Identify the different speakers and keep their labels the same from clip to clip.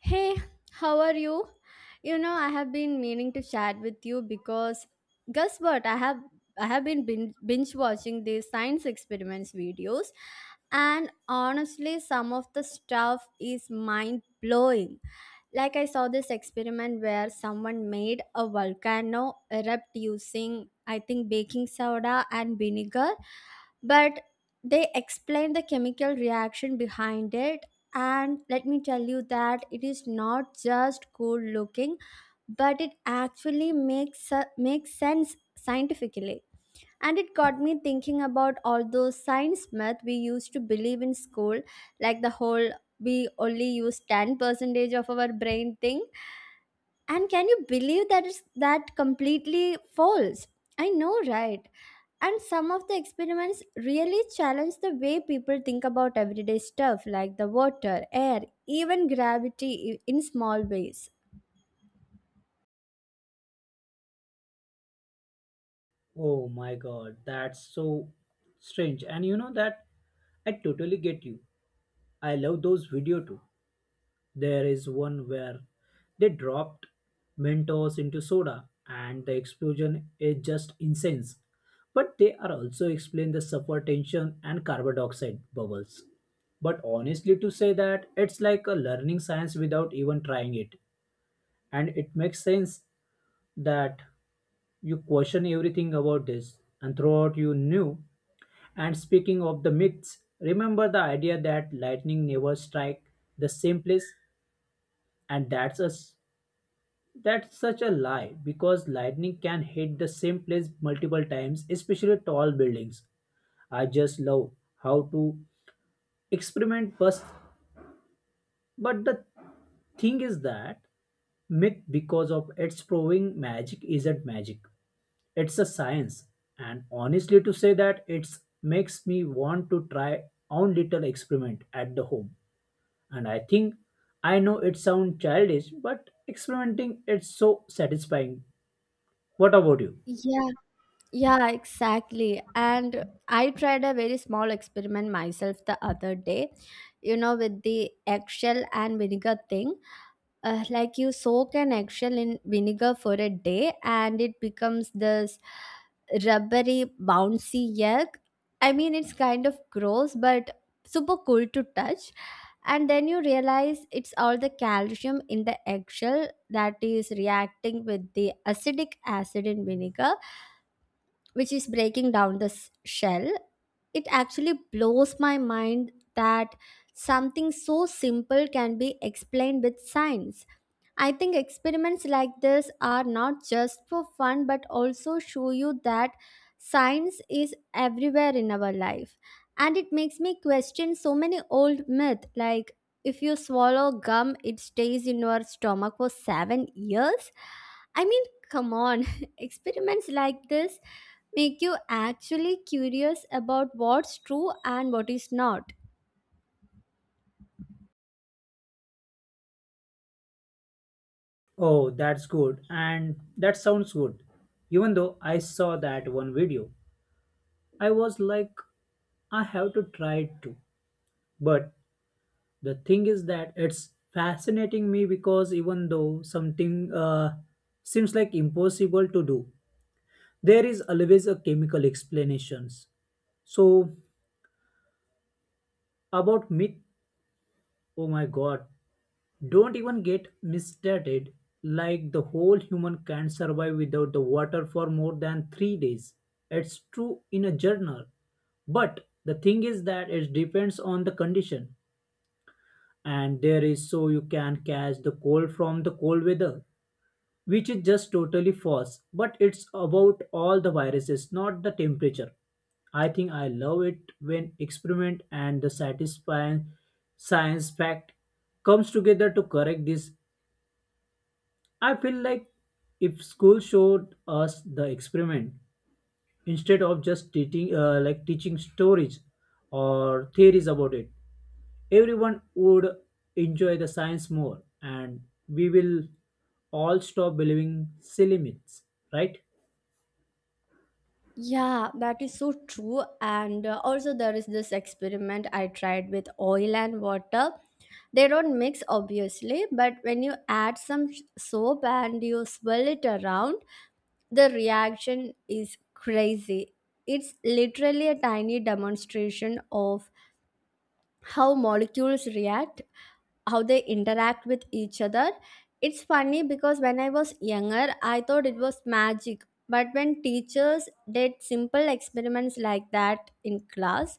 Speaker 1: Hey, how are you? You know, I have been meaning to chat with you because guess what? I have been binge watching these science experiments videos, and honestly some of the stuff is mind blowing. Like I saw this experiment where someone made a volcano erupt using I think baking soda and vinegar, but they explain the chemical reaction behind it, and let me tell you that it is not just cool looking but it actually makes sense scientifically. And it got me thinking about all those science myth we used to believe in school, like the whole we only use 10 percentage of our brain thing. And can you believe that is that completely false? I know, right? And some of the experiments really challenge the way people think about everyday stuff like the water, air, even gravity in small ways.
Speaker 2: Oh my god, that's so strange. And you know that I totally get you. I love those video too. There is one where they dropped Mentos into soda and the explosion is just insane. But they are also explain the sulfur tension and carbon dioxide bubbles. But honestly to say that it's like a learning science without even trying it. And it makes sense that you question everything about this and throughout you knew. And speaking of the myths, remember the idea that lightning never strike the same place, and that's us. That's such a lie because lightning can hit the same place multiple times, especially tall buildings. I just love how to experiment first, but the thing is that myth because of its proving magic isn't magic, it's a science. And honestly to say that it's makes me want to try own little experiment at the home. And I think I know it sounds childish, but experimenting it's so satisfying. What about you?
Speaker 1: Yeah, yeah, exactly. And I tried a very small experiment myself the other day, you know, with the eggshell and vinegar thing. Like you soak an eggshell in vinegar for a day and it becomes this rubbery bouncy yolk. I mean, it's kind of gross but super cool to touch. And then you realize it's all the calcium in the eggshell that is reacting with the acidic acid in vinegar, which is breaking down the shell. It actually blows my mind that something so simple can be explained with science. I think experiments like this are not just for fun but also show you that science is everywhere in our life. And it makes me question so many old myths, like if you swallow gum, it stays in your stomach for 7 years. I mean, come on, experiments like this make you actually curious about what's true and what is not.
Speaker 2: Oh, that's good. And that sounds good. Even though I saw that one video, I was like, I have to try it too. But the thing is that it's fascinating me because even though something seems like impossible to do, there is always a chemical explanations. So about myth, oh my god, don't even get misstated like the whole human can't survive without the water for more than 3 days. It's true in a journal. But the thing is that it depends on the condition. And there is so you can catch the cold from the cold weather, which is just totally false. But it's about all the viruses, not the temperature. I think I love it when experiment and the satisfying science fact comes together to correct this. I feel like if school showed us the experiment instead of just teaching, like teaching stories or theories about it, everyone would enjoy the science more, and we will all stop believing silly myths, right?
Speaker 1: Yeah, that is so true. And also, there is this experiment I tried with oil and water. They don't mix, obviously, but when you add some soap and you swirl it around, the reaction is crazy. It's literally a tiny demonstration of how molecules react, how they interact with each other. It's funny because when I was younger, I thought it was magic. But when teachers did simple experiments like that in class,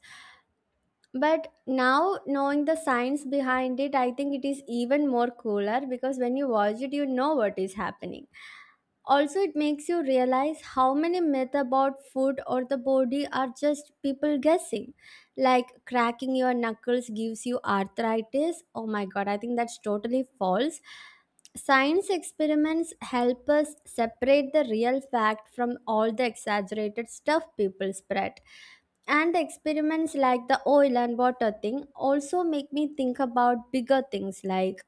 Speaker 1: but now knowing the science behind it, I think it is even more cooler because when you watch it, you know what is happening. Also, it makes you realize how many myths about food or the body are just people guessing. Like cracking your knuckles gives you arthritis. Oh my god, I think that's totally false. Science experiments help us separate the real fact from all the exaggerated stuff people spread. And the experiments like the oil and water thing also make me think about bigger things like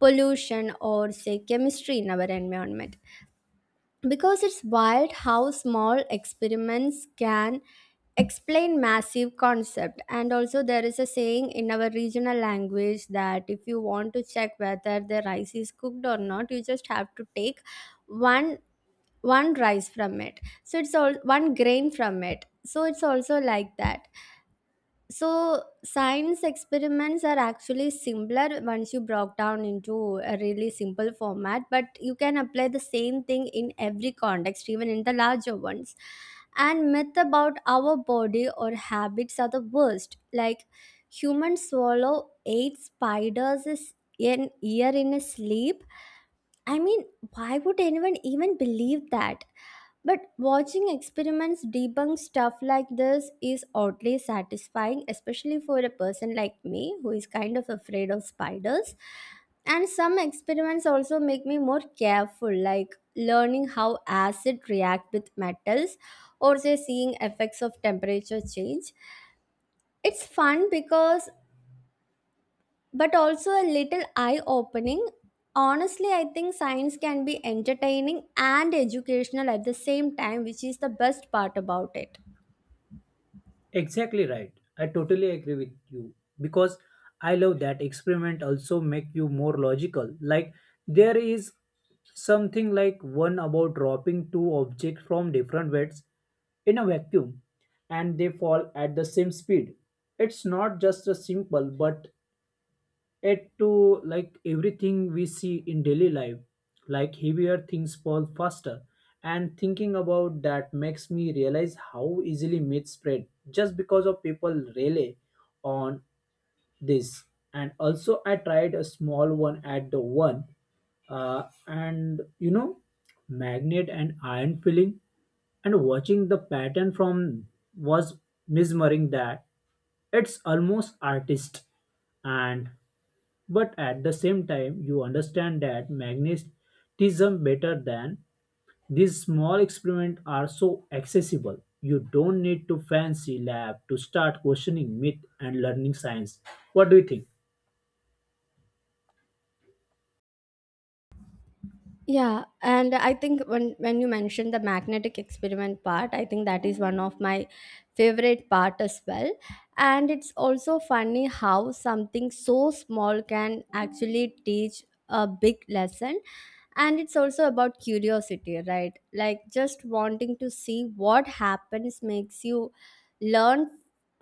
Speaker 1: pollution or, say, chemistry in our environment. Because it's wild how small experiments can explain massive concept. And also there is a saying in our regional language that if you want to check whether the rice is cooked or not, you just have to take one one rice from it, so it's all one grain from it, so it's also like that. So, science experiments are actually simpler once you broke down into a really simple format, but you can apply the same thing in every context, even in the larger ones. And myth about our body or habits are the worst. Like humans swallow eight spiders an year in a sleep. I mean, why would anyone even believe that? But watching experiments debunk stuff like this is oddly satisfying, especially for a person like me who is kind of afraid of spiders. And some experiments also make me more careful, like learning how acid react with metals or say seeing effects of temperature change. It's fun because but also a little eye opening. Honestly, I think science can be entertaining and educational at the same time, which is the best part about it.
Speaker 2: Exactly right. I totally agree with you because I love that experiment also make you more logical. Like there is something like one about dropping two objects from different weights in a vacuum and they fall at the same speed. It's not just a simple but it to like everything we see in daily life, like heavier things fall faster. And thinking about that makes me realize how easily myths spread just because of people rely on this. And also I tried a small one at the one, and you know magnet and iron filling and watching the pattern from was mesmerizing that it's almost artist and but at the same time, you understand that magnetism better than these small experiments are so accessible. You don't need to fancy lab to start questioning myth and learning science. What do you think?
Speaker 1: Yeah, and I think when you mentioned the magnetic experiment part, I think that is one of my favorite part as well. And it's also funny how something so small can actually teach a big lesson. And it's also about curiosity, right? Like just wanting to see what happens makes you learn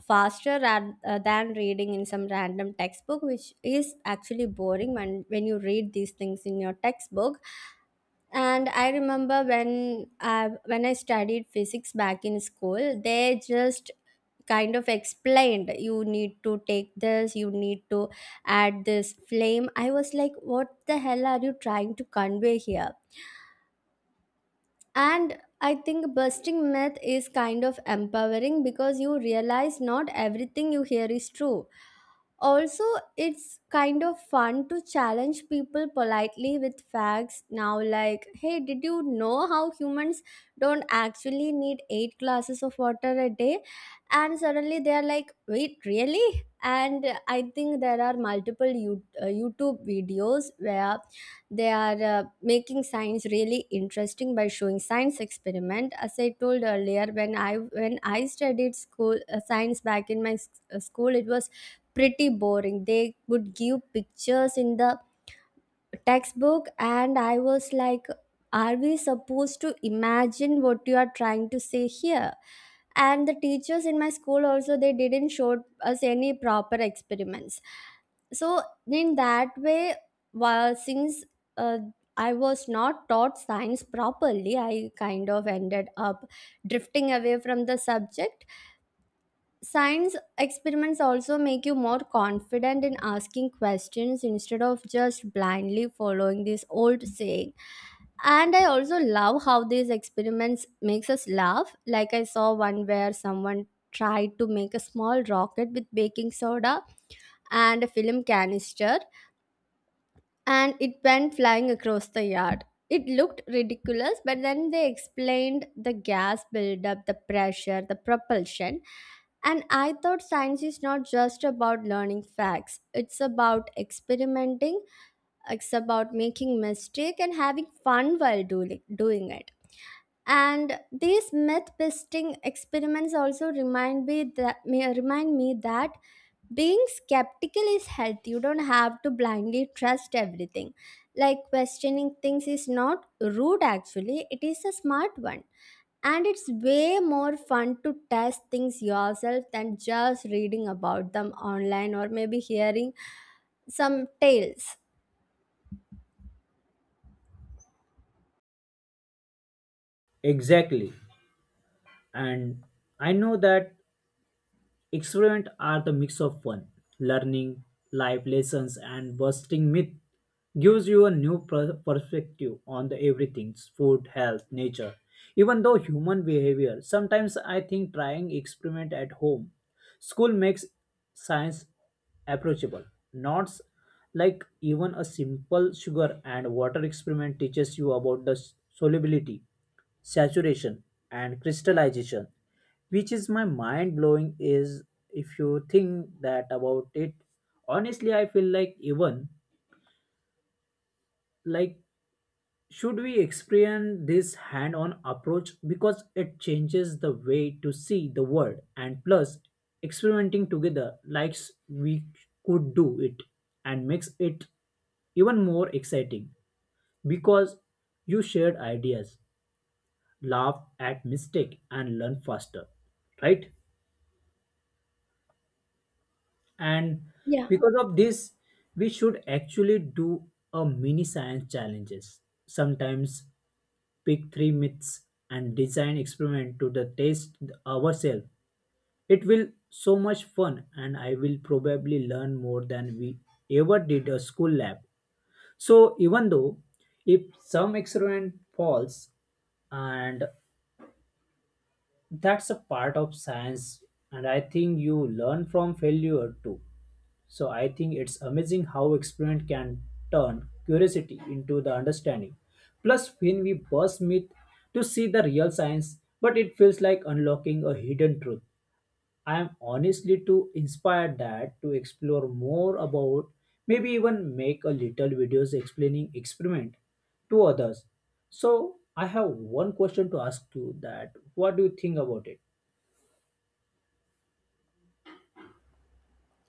Speaker 1: faster than reading in some random textbook, which is actually boring when you read these things in your textbook. And I remember when I studied physics back in school, they just kind of explained you need to take this, you need to add this flame. I was like, what the hell are you trying to convey here? And I think busting myth is kind of empowering because you realize not everything you hear is true. Also, it's kind of fun to challenge people politely with facts now, like, hey, did you know how humans don't actually need eight glasses of water a day? And suddenly they're like, wait, really? And I think there are multiple YouTube videos where they are making science really interesting by showing science experiment. As I told earlier, when I studied school science back in my school, it was pretty boring. They would give pictures in the textbook and I was like, are we supposed to imagine what you are trying to say here? And the teachers in my school also, they didn't show us any proper experiments. So in that way, while since uh, I was not taught science properly, I kind of ended up drifting away from the subject. Science experiments also make you more confident in asking questions instead of just blindly following this old saying. And I also love how these experiments makes us laugh. Like I saw one where someone tried to make a small rocket with baking soda and a film canister, and it went flying across the yard. It looked ridiculous, but then they explained the gas buildup, the pressure, the propulsion. And I thought science is not just about learning facts. It's about experimenting, it's about making mistake and having fun while doing it. And these myth busting experiments also remind me that being skeptical is healthy. You don't have to blindly trust everything. Like questioning things is not rude, actually it is a smart one. And it's way more fun to test things yourself than just reading about them online or maybe hearing some tales.
Speaker 2: Exactly. And I know that experiments are the mix of fun, learning, life lessons, and busting myth gives you a new perspective on the everything food health nature even though human behavior sometimes. I think trying experiment at home school makes science approachable, not like even a simple sugar and water experiment teaches you about the solubility, saturation, and crystallization, which is my mind blowing is if you think that about it. Honestly, I feel like even, like, should we experience this hand-on approach because it changes the way to see the world. And plus experimenting together, like we could do it and makes it even more exciting because you shared ideas, laugh at mistake, and learn faster, right? And
Speaker 1: yeah
Speaker 2: because of this we should actually do a mini science challenges sometimes. Pick three myths and design experiment to the taste ourselves. It will so much fun and I will probably learn more than we ever did a school lab. So even though if some experiment falls, and that's a part of science, and I think you learn from failure too. So I think it's amazing how experiment can turn curiosity into the understanding. Plus, when we burst myth to see the real science, but it feels like unlocking a hidden truth. I am honestly too inspired that to explore more about, maybe even make a little videos explaining experiment to others. So I have one question to ask you that what do you think about it?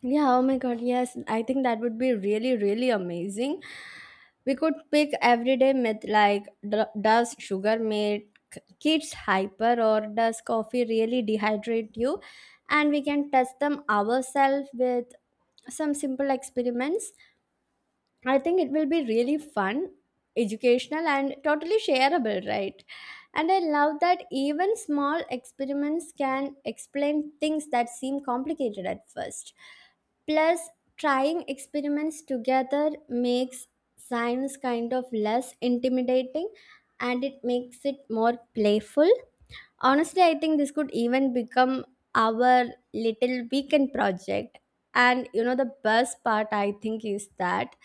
Speaker 1: yeah oh my god, yes, I think that would be really amazing. We could pick everyday myth like, does sugar make kids hyper? Or does coffee really dehydrate you? And we can test them ourselves with some simple experiments. I think it will be really fun, educational, and totally shareable, right? And I love that even small experiments can explain things that seem complicated at first. Plus, trying experiments together makes science kind of less intimidating, and it makes it more playful. Honestly, I think this could even become our little weekend project. And you know, the best part I think is that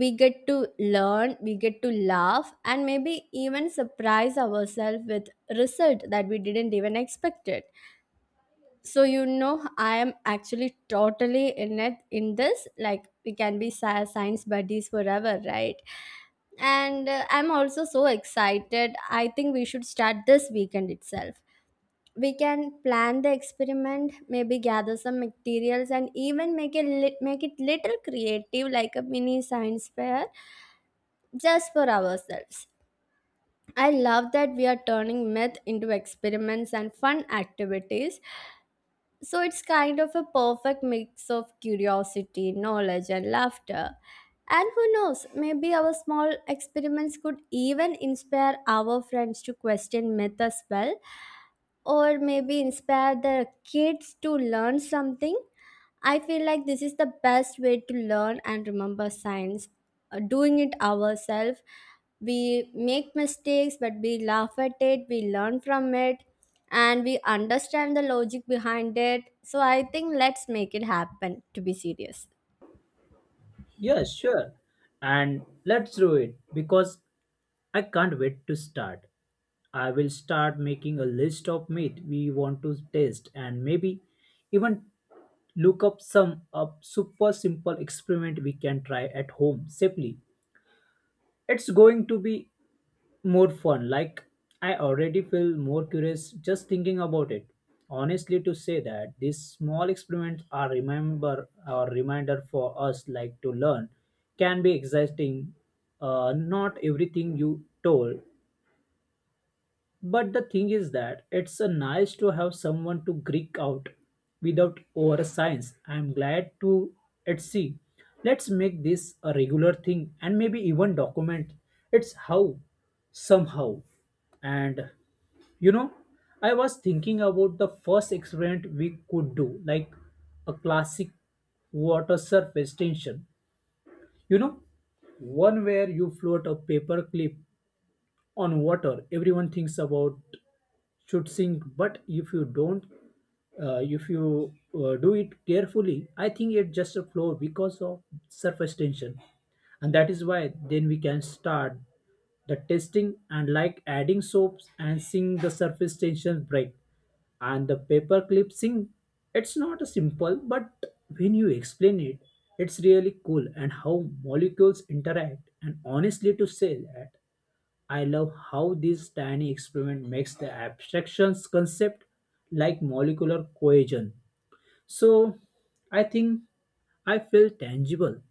Speaker 1: we get to learn, we get to laugh, and maybe even surprise ourselves with result that we didn't even expect it. So you know, I am actually totally in it in this. Like we can be science buddies forever, right? And I'm also so excited. I think we should start this weekend itself. We can plan the experiment, maybe gather some materials, and even make it make it little creative, like a mini science fair just for ourselves. I love that we are turning myth into experiments and fun activities. So it's kind of a perfect mix of curiosity, knowledge, and laughter. And who knows, maybe our small experiments could even inspire our friends to question myth as well, or maybe inspire the kids to learn something. I feel like this is the best way to learn and remember science. Doing it ourselves, we make mistakes, but we laugh at it, we learn from it, and we understand the logic behind it. So I think let's make it happen to be serious.
Speaker 2: Yes, sure. And let's do it because I can't wait to start. I will start making a list of meat we want to taste and maybe even look up some up super simple experiment we can try at home safely. It's going to be more fun. Like I already feel more curious just thinking about it. Honestly, to say that these small experiments are remember or reminder for us like to learn can be exciting. Not everything you told. But the thing is that it's a nice to have someone to Greek out without over science. I'm glad to at sea. Let's make this a regular thing and maybe even document it's how somehow. And you know, I was thinking about the first experiment we could do, like a classic water surface tension. You know, one where you float a paper clip on water everyone thinks about should sink but if you don't, if you do it carefully I think it just a flow because of surface tension. And that is why then we can start the testing and like adding soaps and seeing the surface tension break and the paper clip sink. It's not a simple but when you explain it it's really cool and how molecules interact. And honestly to say that I love how this tiny experiment makes the abstractions concept like molecular cohesion. So I think I feel tangible.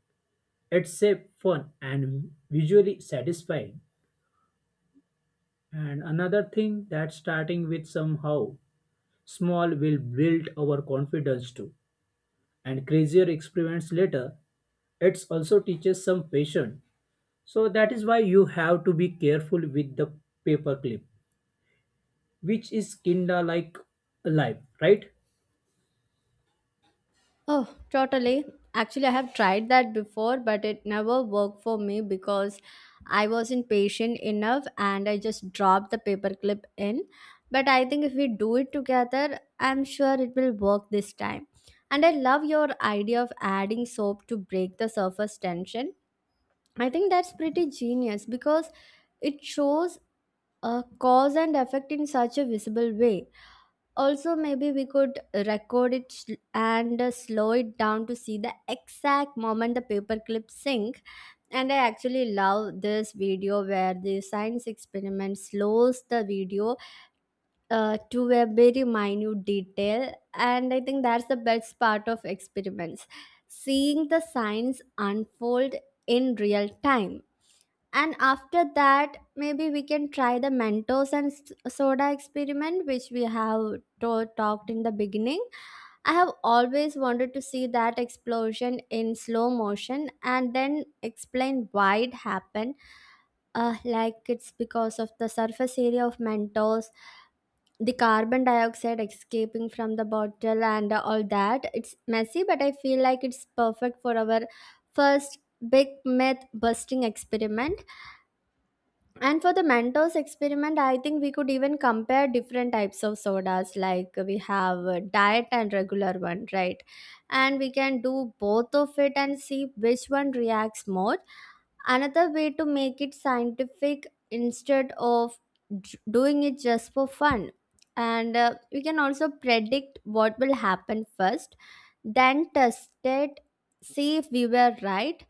Speaker 2: It's safe, fun, and visually satisfying. And another thing that starting with somehow small will build our confidence too. And crazier experiments later, it also teaches some patience. So that is why you have to be careful with the paperclip, which is kinda like alive, right?
Speaker 1: Oh, totally. Actually, I have tried that before, but it never worked for me because I wasn't patient enough and I just dropped the paperclip in. But I think if we do it together, I'm sure it will work this time. And I love your idea of adding soap to break the surface tension. I think that's pretty genius because it shows a cause and effect in such a visible way. Also, maybe we could record it and slow it down to see the exact moment the paperclip sink. And I actually love this video where the science experiment slows the video to a very minute detail. And I think that's the best part of experiments, seeing the science unfold in real time. And after that, maybe we can try the Mentos and soda experiment, which we have talked in the beginning. I have always wanted to see that explosion in slow motion and then explain why it happened. Like it's because of the surface area of Mentos, the carbon dioxide escaping from the bottle, and all that. It's messy, but I feel like it's perfect for our first big myth busting experiment. And for the Mentos experiment, I think we could even compare different types of sodas. Like we have a diet and regular one, right? And we can do both of it and see which one reacts more. Another way to make it scientific instead of doing it just for fun. And we can also predict what will happen first, then test it, see if we were right.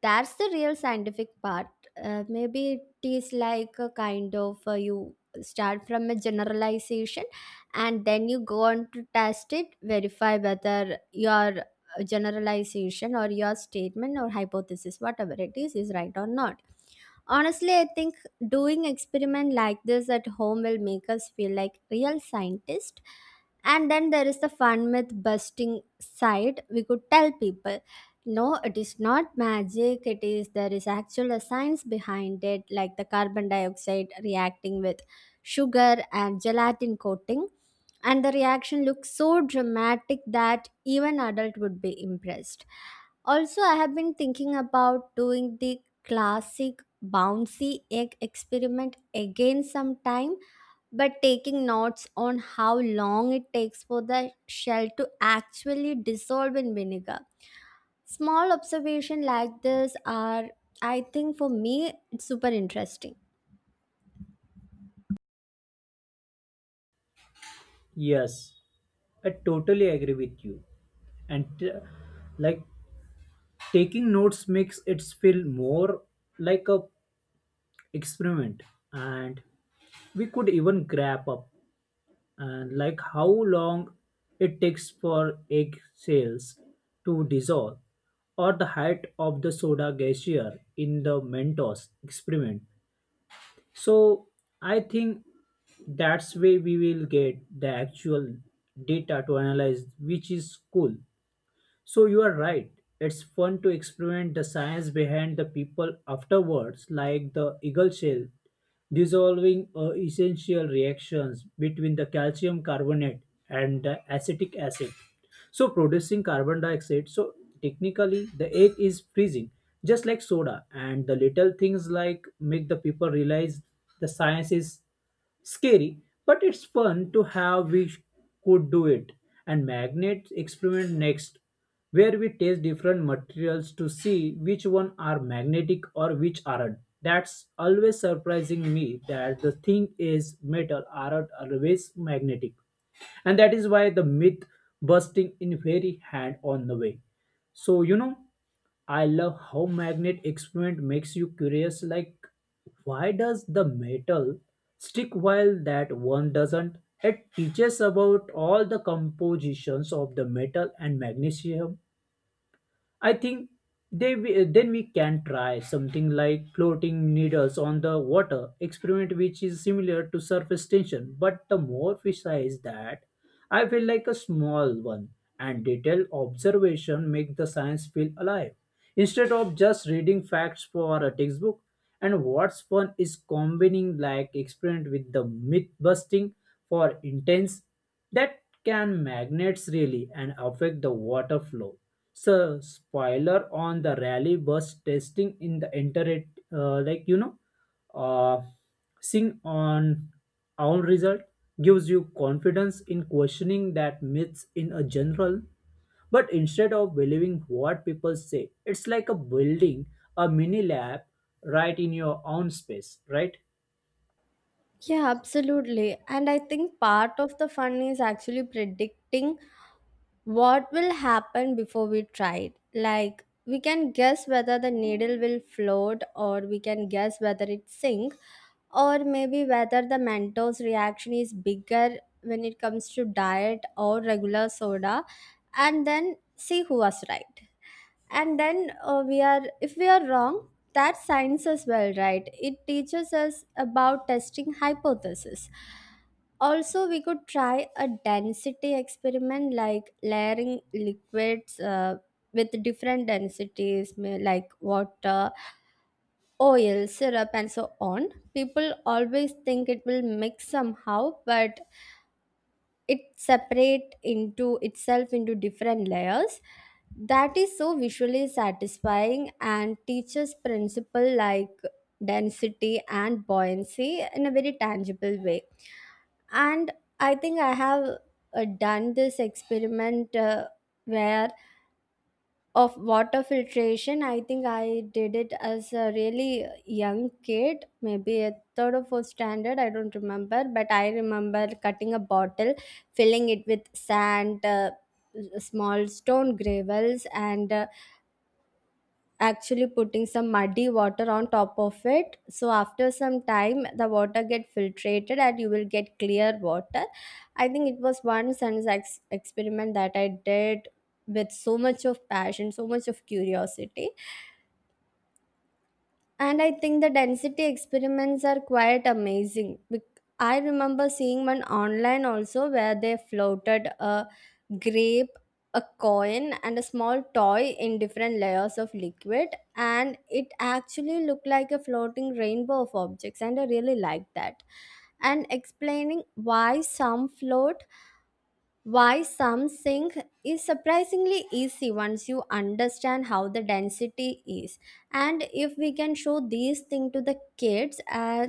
Speaker 1: That's the real scientific part. Maybe it is like a kind of, you start from a generalization and then you go on to test it, verify whether your generalization or your statement or hypothesis, whatever it is right or not. Honestly, I think doing experiment like this at home will make us feel like real scientists. And then there is the fun myth busting side. We could tell people, no, it is not magic. It is there is actual a science behind it, like the carbon dioxide reacting with sugar and gelatin coating, and the reaction looks so dramatic that even adult would be impressed. Also, I have been thinking about doing the classic bouncy egg experiment again sometime, but taking notes on how long it takes for the shell to actually dissolve in vinegar. Small observation like this are, I think for me, it's super interesting.
Speaker 2: Yes, I totally agree with you. And like taking notes makes it feel more like a experiment. And we could even grab up and like how long it takes for egg cells to dissolve, or the height of the soda glacier in the Mentos experiment. So I think that's where we will get the actual data to analyze, which is cool. So you are right. It's fun to experiment the science behind the people afterwards, like the eagle shell dissolving essential reactions between the calcium carbonate and the acetic acid. So producing carbon dioxide. So technically the egg is freezing, just like soda. And the little things like make the people realize the science is scary, but it's fun to have we could do it. And magnet experiment next, where we test different materials to see which one are magnetic or which aren't. That's always surprising me that the thing is metal aren't always magnetic. And that is why the myth busting in very hand on the way. So you know I love how magnet experiment makes you curious like why does the metal stick while that one doesn't? It teaches about all the compositions of the metal and magnesium. I think then we can try something like floating needles on the water experiment, which is similar to surface tension. But the more fish size that I feel like a small one, and detailed observation make the science feel alive instead of just reading facts for a textbook. And what's fun is combining like experiment with the myth busting for intense that can magnets really and affect the water flow. So spoiler on the rally bus testing in the internet, uh, like you know, uh, seeing on our result gives you confidence in questioning that myths in a general. But instead of believing what people say, it's like a building a mini lab right in your own space, right?
Speaker 1: Yeah, absolutely. And I think part of the fun is actually predicting what will happen before we try it. Like, we can guess whether the needle will float, or we can guess whether it sink, or maybe whether the Mentos reaction is bigger when it comes to diet or regular soda, and then see who was right. And then we are if we are wrong, that science as well, right? It teaches us about testing hypothesis. Also, we could try a density experiment like layering liquids with different densities, like water, oil, syrup, and so on. People always think it will mix somehow, but it separate into itself into different layers. That is so visually satisfying and teaches principle like density and buoyancy in a very tangible way. And I think I have done this experiment, where of water filtration. I think I did it as a really young kid, maybe a third or fourth standard. I don't remember, but I remember cutting a bottle, filling it with sand, small stone gravels, and actually putting some muddy water on top of it. So after some time the water get filtrated and you will get clear water. I think it was one science experiment that I did with so much of passion, so much of curiosity. And I think the density experiments are quite amazing. I remember seeing one online also where they floated a grape, a coin, and a small toy in different layers of liquid, and it actually looked like a floating rainbow of objects, and I really liked that. And explaining why some float, why some sing, is surprisingly easy once you understand how the density is. And if we can show these things to the kids,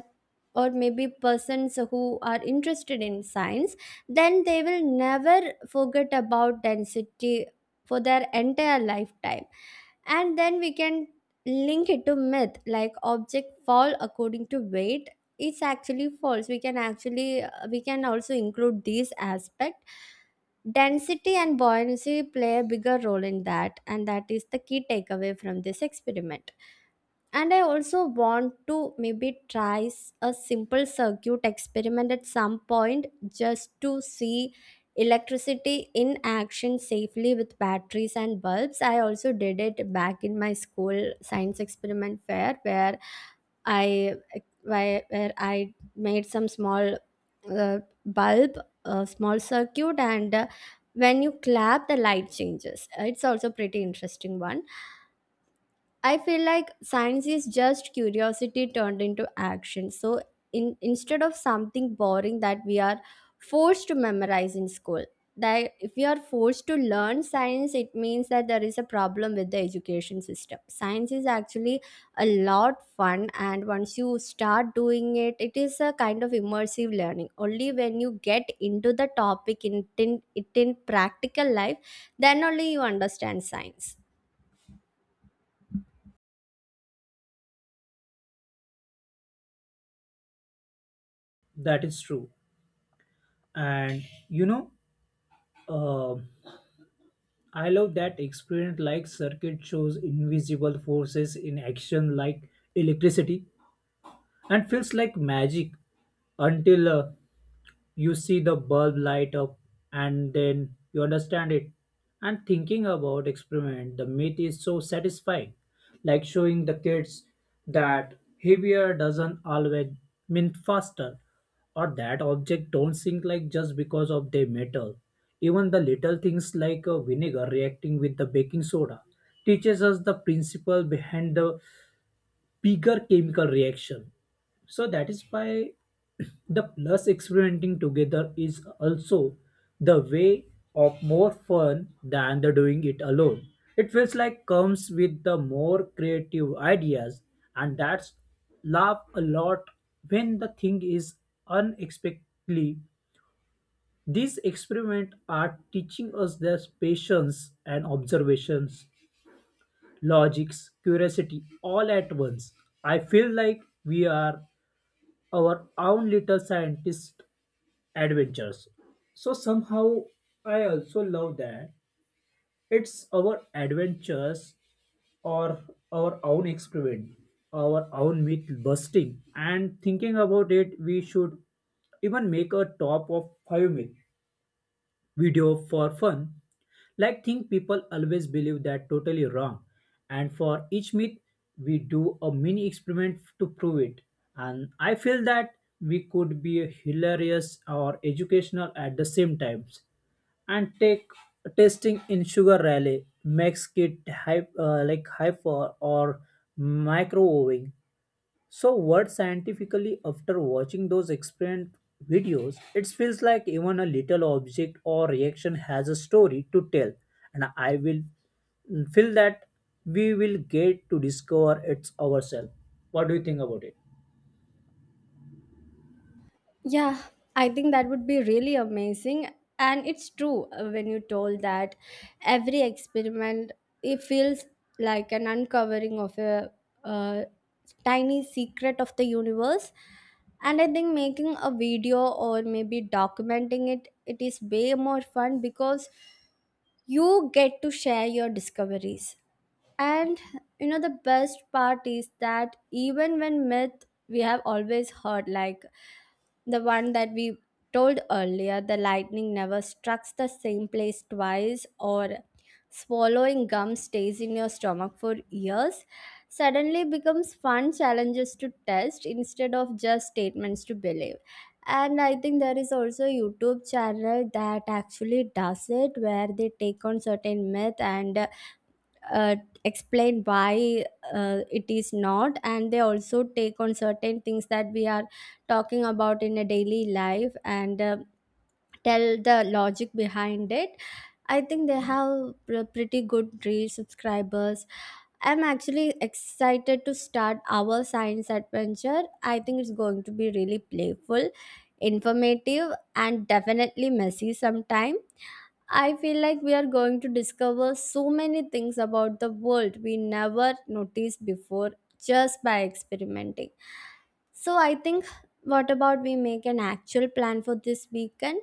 Speaker 1: or maybe persons who are interested in science, then they will never forget about density for their entire lifetime. And then we can link it to myth like object fall according to weight. It's actually false. We can also include this aspect. Density and buoyancy play a bigger role in that, and that is the key takeaway from this experiment. And I also want to maybe try a simple circuit experiment at some point just to see electricity in action safely with batteries and bulbs. I also did it back in my school science experiment fair I where I made some small uh, bulb, a small circuit, and when you clap, the light changes. It's also pretty interesting one. I feel like science is just curiosity turned into action. So in instead of something boring that we are forced to memorize in school, that if we are forced to learn science, it means that there is a problem with the education system. Science is actually a lot fun, and once you start doing it, it is a kind of immersive learning. Only when you get into the topic in practical life, then only you understand science.
Speaker 2: That is true. And you know, uh, I love that experience, like circuit shows invisible forces in action like electricity and feels like magic until you see the bulb light up and then you understand it. And thinking about experiment the myth is so satisfying like showing the kids that heavier doesn't always mean faster or that object don't sink like just because of their metal. Even the little things like a vinegar reacting with the baking soda teaches us the principle behind the bigger chemical reaction. So that is why the plus experimenting together is also the way of more fun than the doing it alone. It feels like comes with the more creative ideas and that's laugh a lot when the thing is unexpectedly. These experiments are teaching us their patience and observations, logics, curiosity all at once. I feel like we are our own little scientist adventures. So somehow I also love that it's our adventures or our own experiment, our own myth busting, and thinking about it, we should even make a top of five myth video for fun. Like think people always believe that totally wrong. And for each myth, we do a mini experiment to prove it. And I feel that we could be hilarious or educational at the same times. And take testing in sugar rally makes it hype, like hyper or microwaving. So, what scientifically, after watching those experiment videos, it feels like even a little object or reaction has a story to tell, and I will feel that we will get to discover it ourselves. What do you think about it?
Speaker 1: Yeah, I think that would be really amazing. And it's true, when you told that every experiment, it feels like an uncovering of a, uh tiny secret of the universe. And I think making a video or maybe documenting it is way more fun because you get to share your discoveries. And the best part is that even when myth we have always heard, like the one that we told earlier, the lightning never strikes the same place twice, or swallowing gum stays in your stomach for years, suddenly becomes fun challenges to test instead of just statements to believe. And I think there is also a YouTube channel that actually does it where they take on certain myth and uh, explain why it is not. And they also take on certain things that we are talking about in a daily life, and tell the logic behind it. I think they have pretty good real subscribers. I'm actually excited to start our science adventure. I think it's going to be really playful, informative, and definitely messy sometime. I feel like we are going to discover so many things about the world we never noticed before just by experimenting. So I think, what about we make an actual plan for this weekend?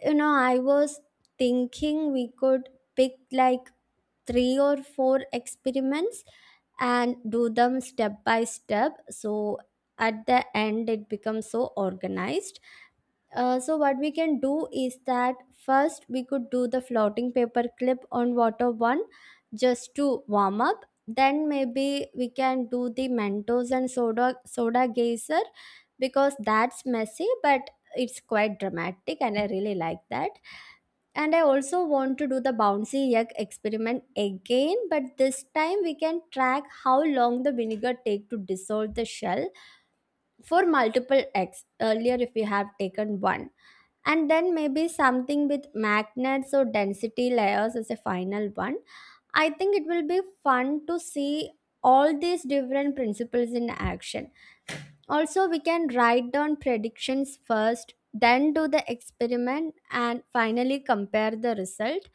Speaker 1: I was thinking we could pick like three or four experiments and do them step by step so at the end it becomes so organized. So what we can do is that first we could do the floating paper clip on water one just to warm up. Then maybe we can do the Mentos and soda geyser because that's messy but it's quite dramatic and I really like that. And I also want to do the bouncy egg experiment again, but this time we can track how long the vinegar take to dissolve the shell for multiple x earlier if we have taken one. And then maybe something with magnets or density layers as a final one. I think it will be fun to see all these different principles in action. Also, we can write down predictions first, then do the experiment, and finally compare the result.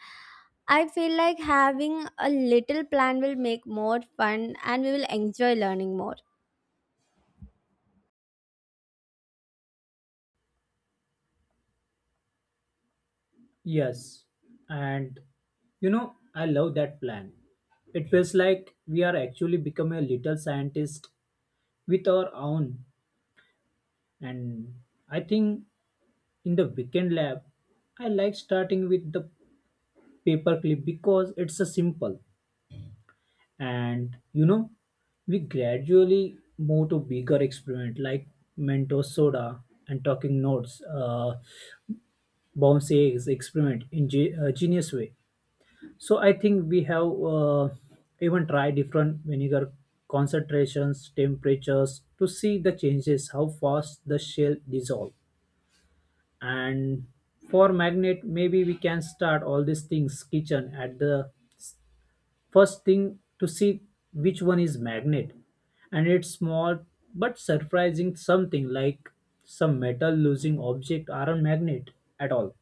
Speaker 1: I feel like having a little plan will make more fun and we will enjoy learning more.
Speaker 2: Yes, and you know, I love that plan. It feels like we are actually becoming a little scientist with our own. And I think in the weekend lab, I like starting with the paperclip because it's a simple and you know we gradually move to bigger experiment like mentos soda and talking notes, bounce eggs experiment in genius way. So I think we have, even tried different vinegar concentrations temperatures to see the changes how fast the shell dissolve. And for magnet maybe we can start all these things kitchen at the first thing to see which one is magnet and it's small but surprising something like some metal losing object aren't magnet at all.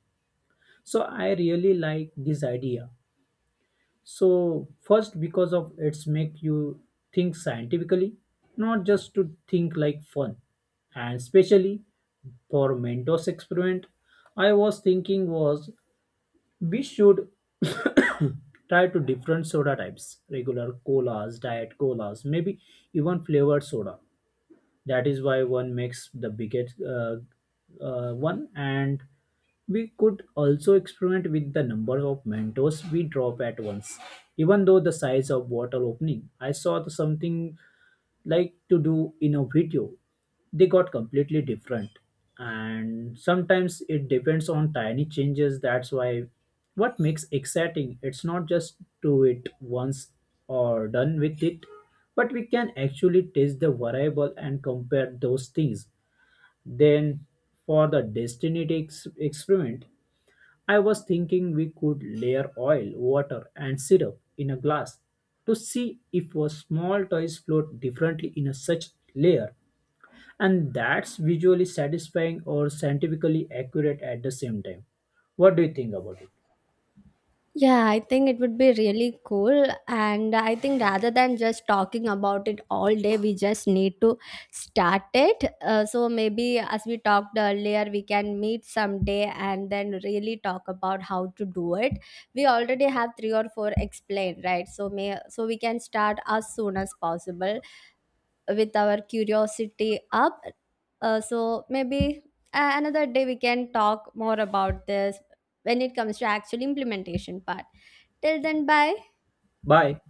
Speaker 2: So I really like this idea. So first because of it's make you think scientifically not just to think like fun. And especially for mentos experiment I was thinking was we should try to different soda types, regular colas, diet colas, maybe even flavored soda. That is why one makes the biggest one and we could also experiment with the number of mentos we drop at once. Even though the size of bottle opening, I saw the something like to do in a video they got completely different and sometimes it depends on tiny changes. That's why what makes exciting it's not just do it once or done with it but we can actually test the variable and compare those things. Then for the destiny experiment I was thinking we could layer oil, water, and syrup in a glass to see if a small toys float differently in a such layer, and that's visually satisfying or scientifically accurate at the same time. What do you think about it?
Speaker 1: Yeah, I think it would be really cool. And I think rather than just talking about it all day, we just need to start it. So maybe as we talked earlier, we can meet someday and then really talk about how to do it. We already have three or four explained, right? So may so we can start as soon as possible with our curiosity up. So maybe another day we can talk more about this when it comes to actual implementation part. Till then, bye.
Speaker 2: Bye.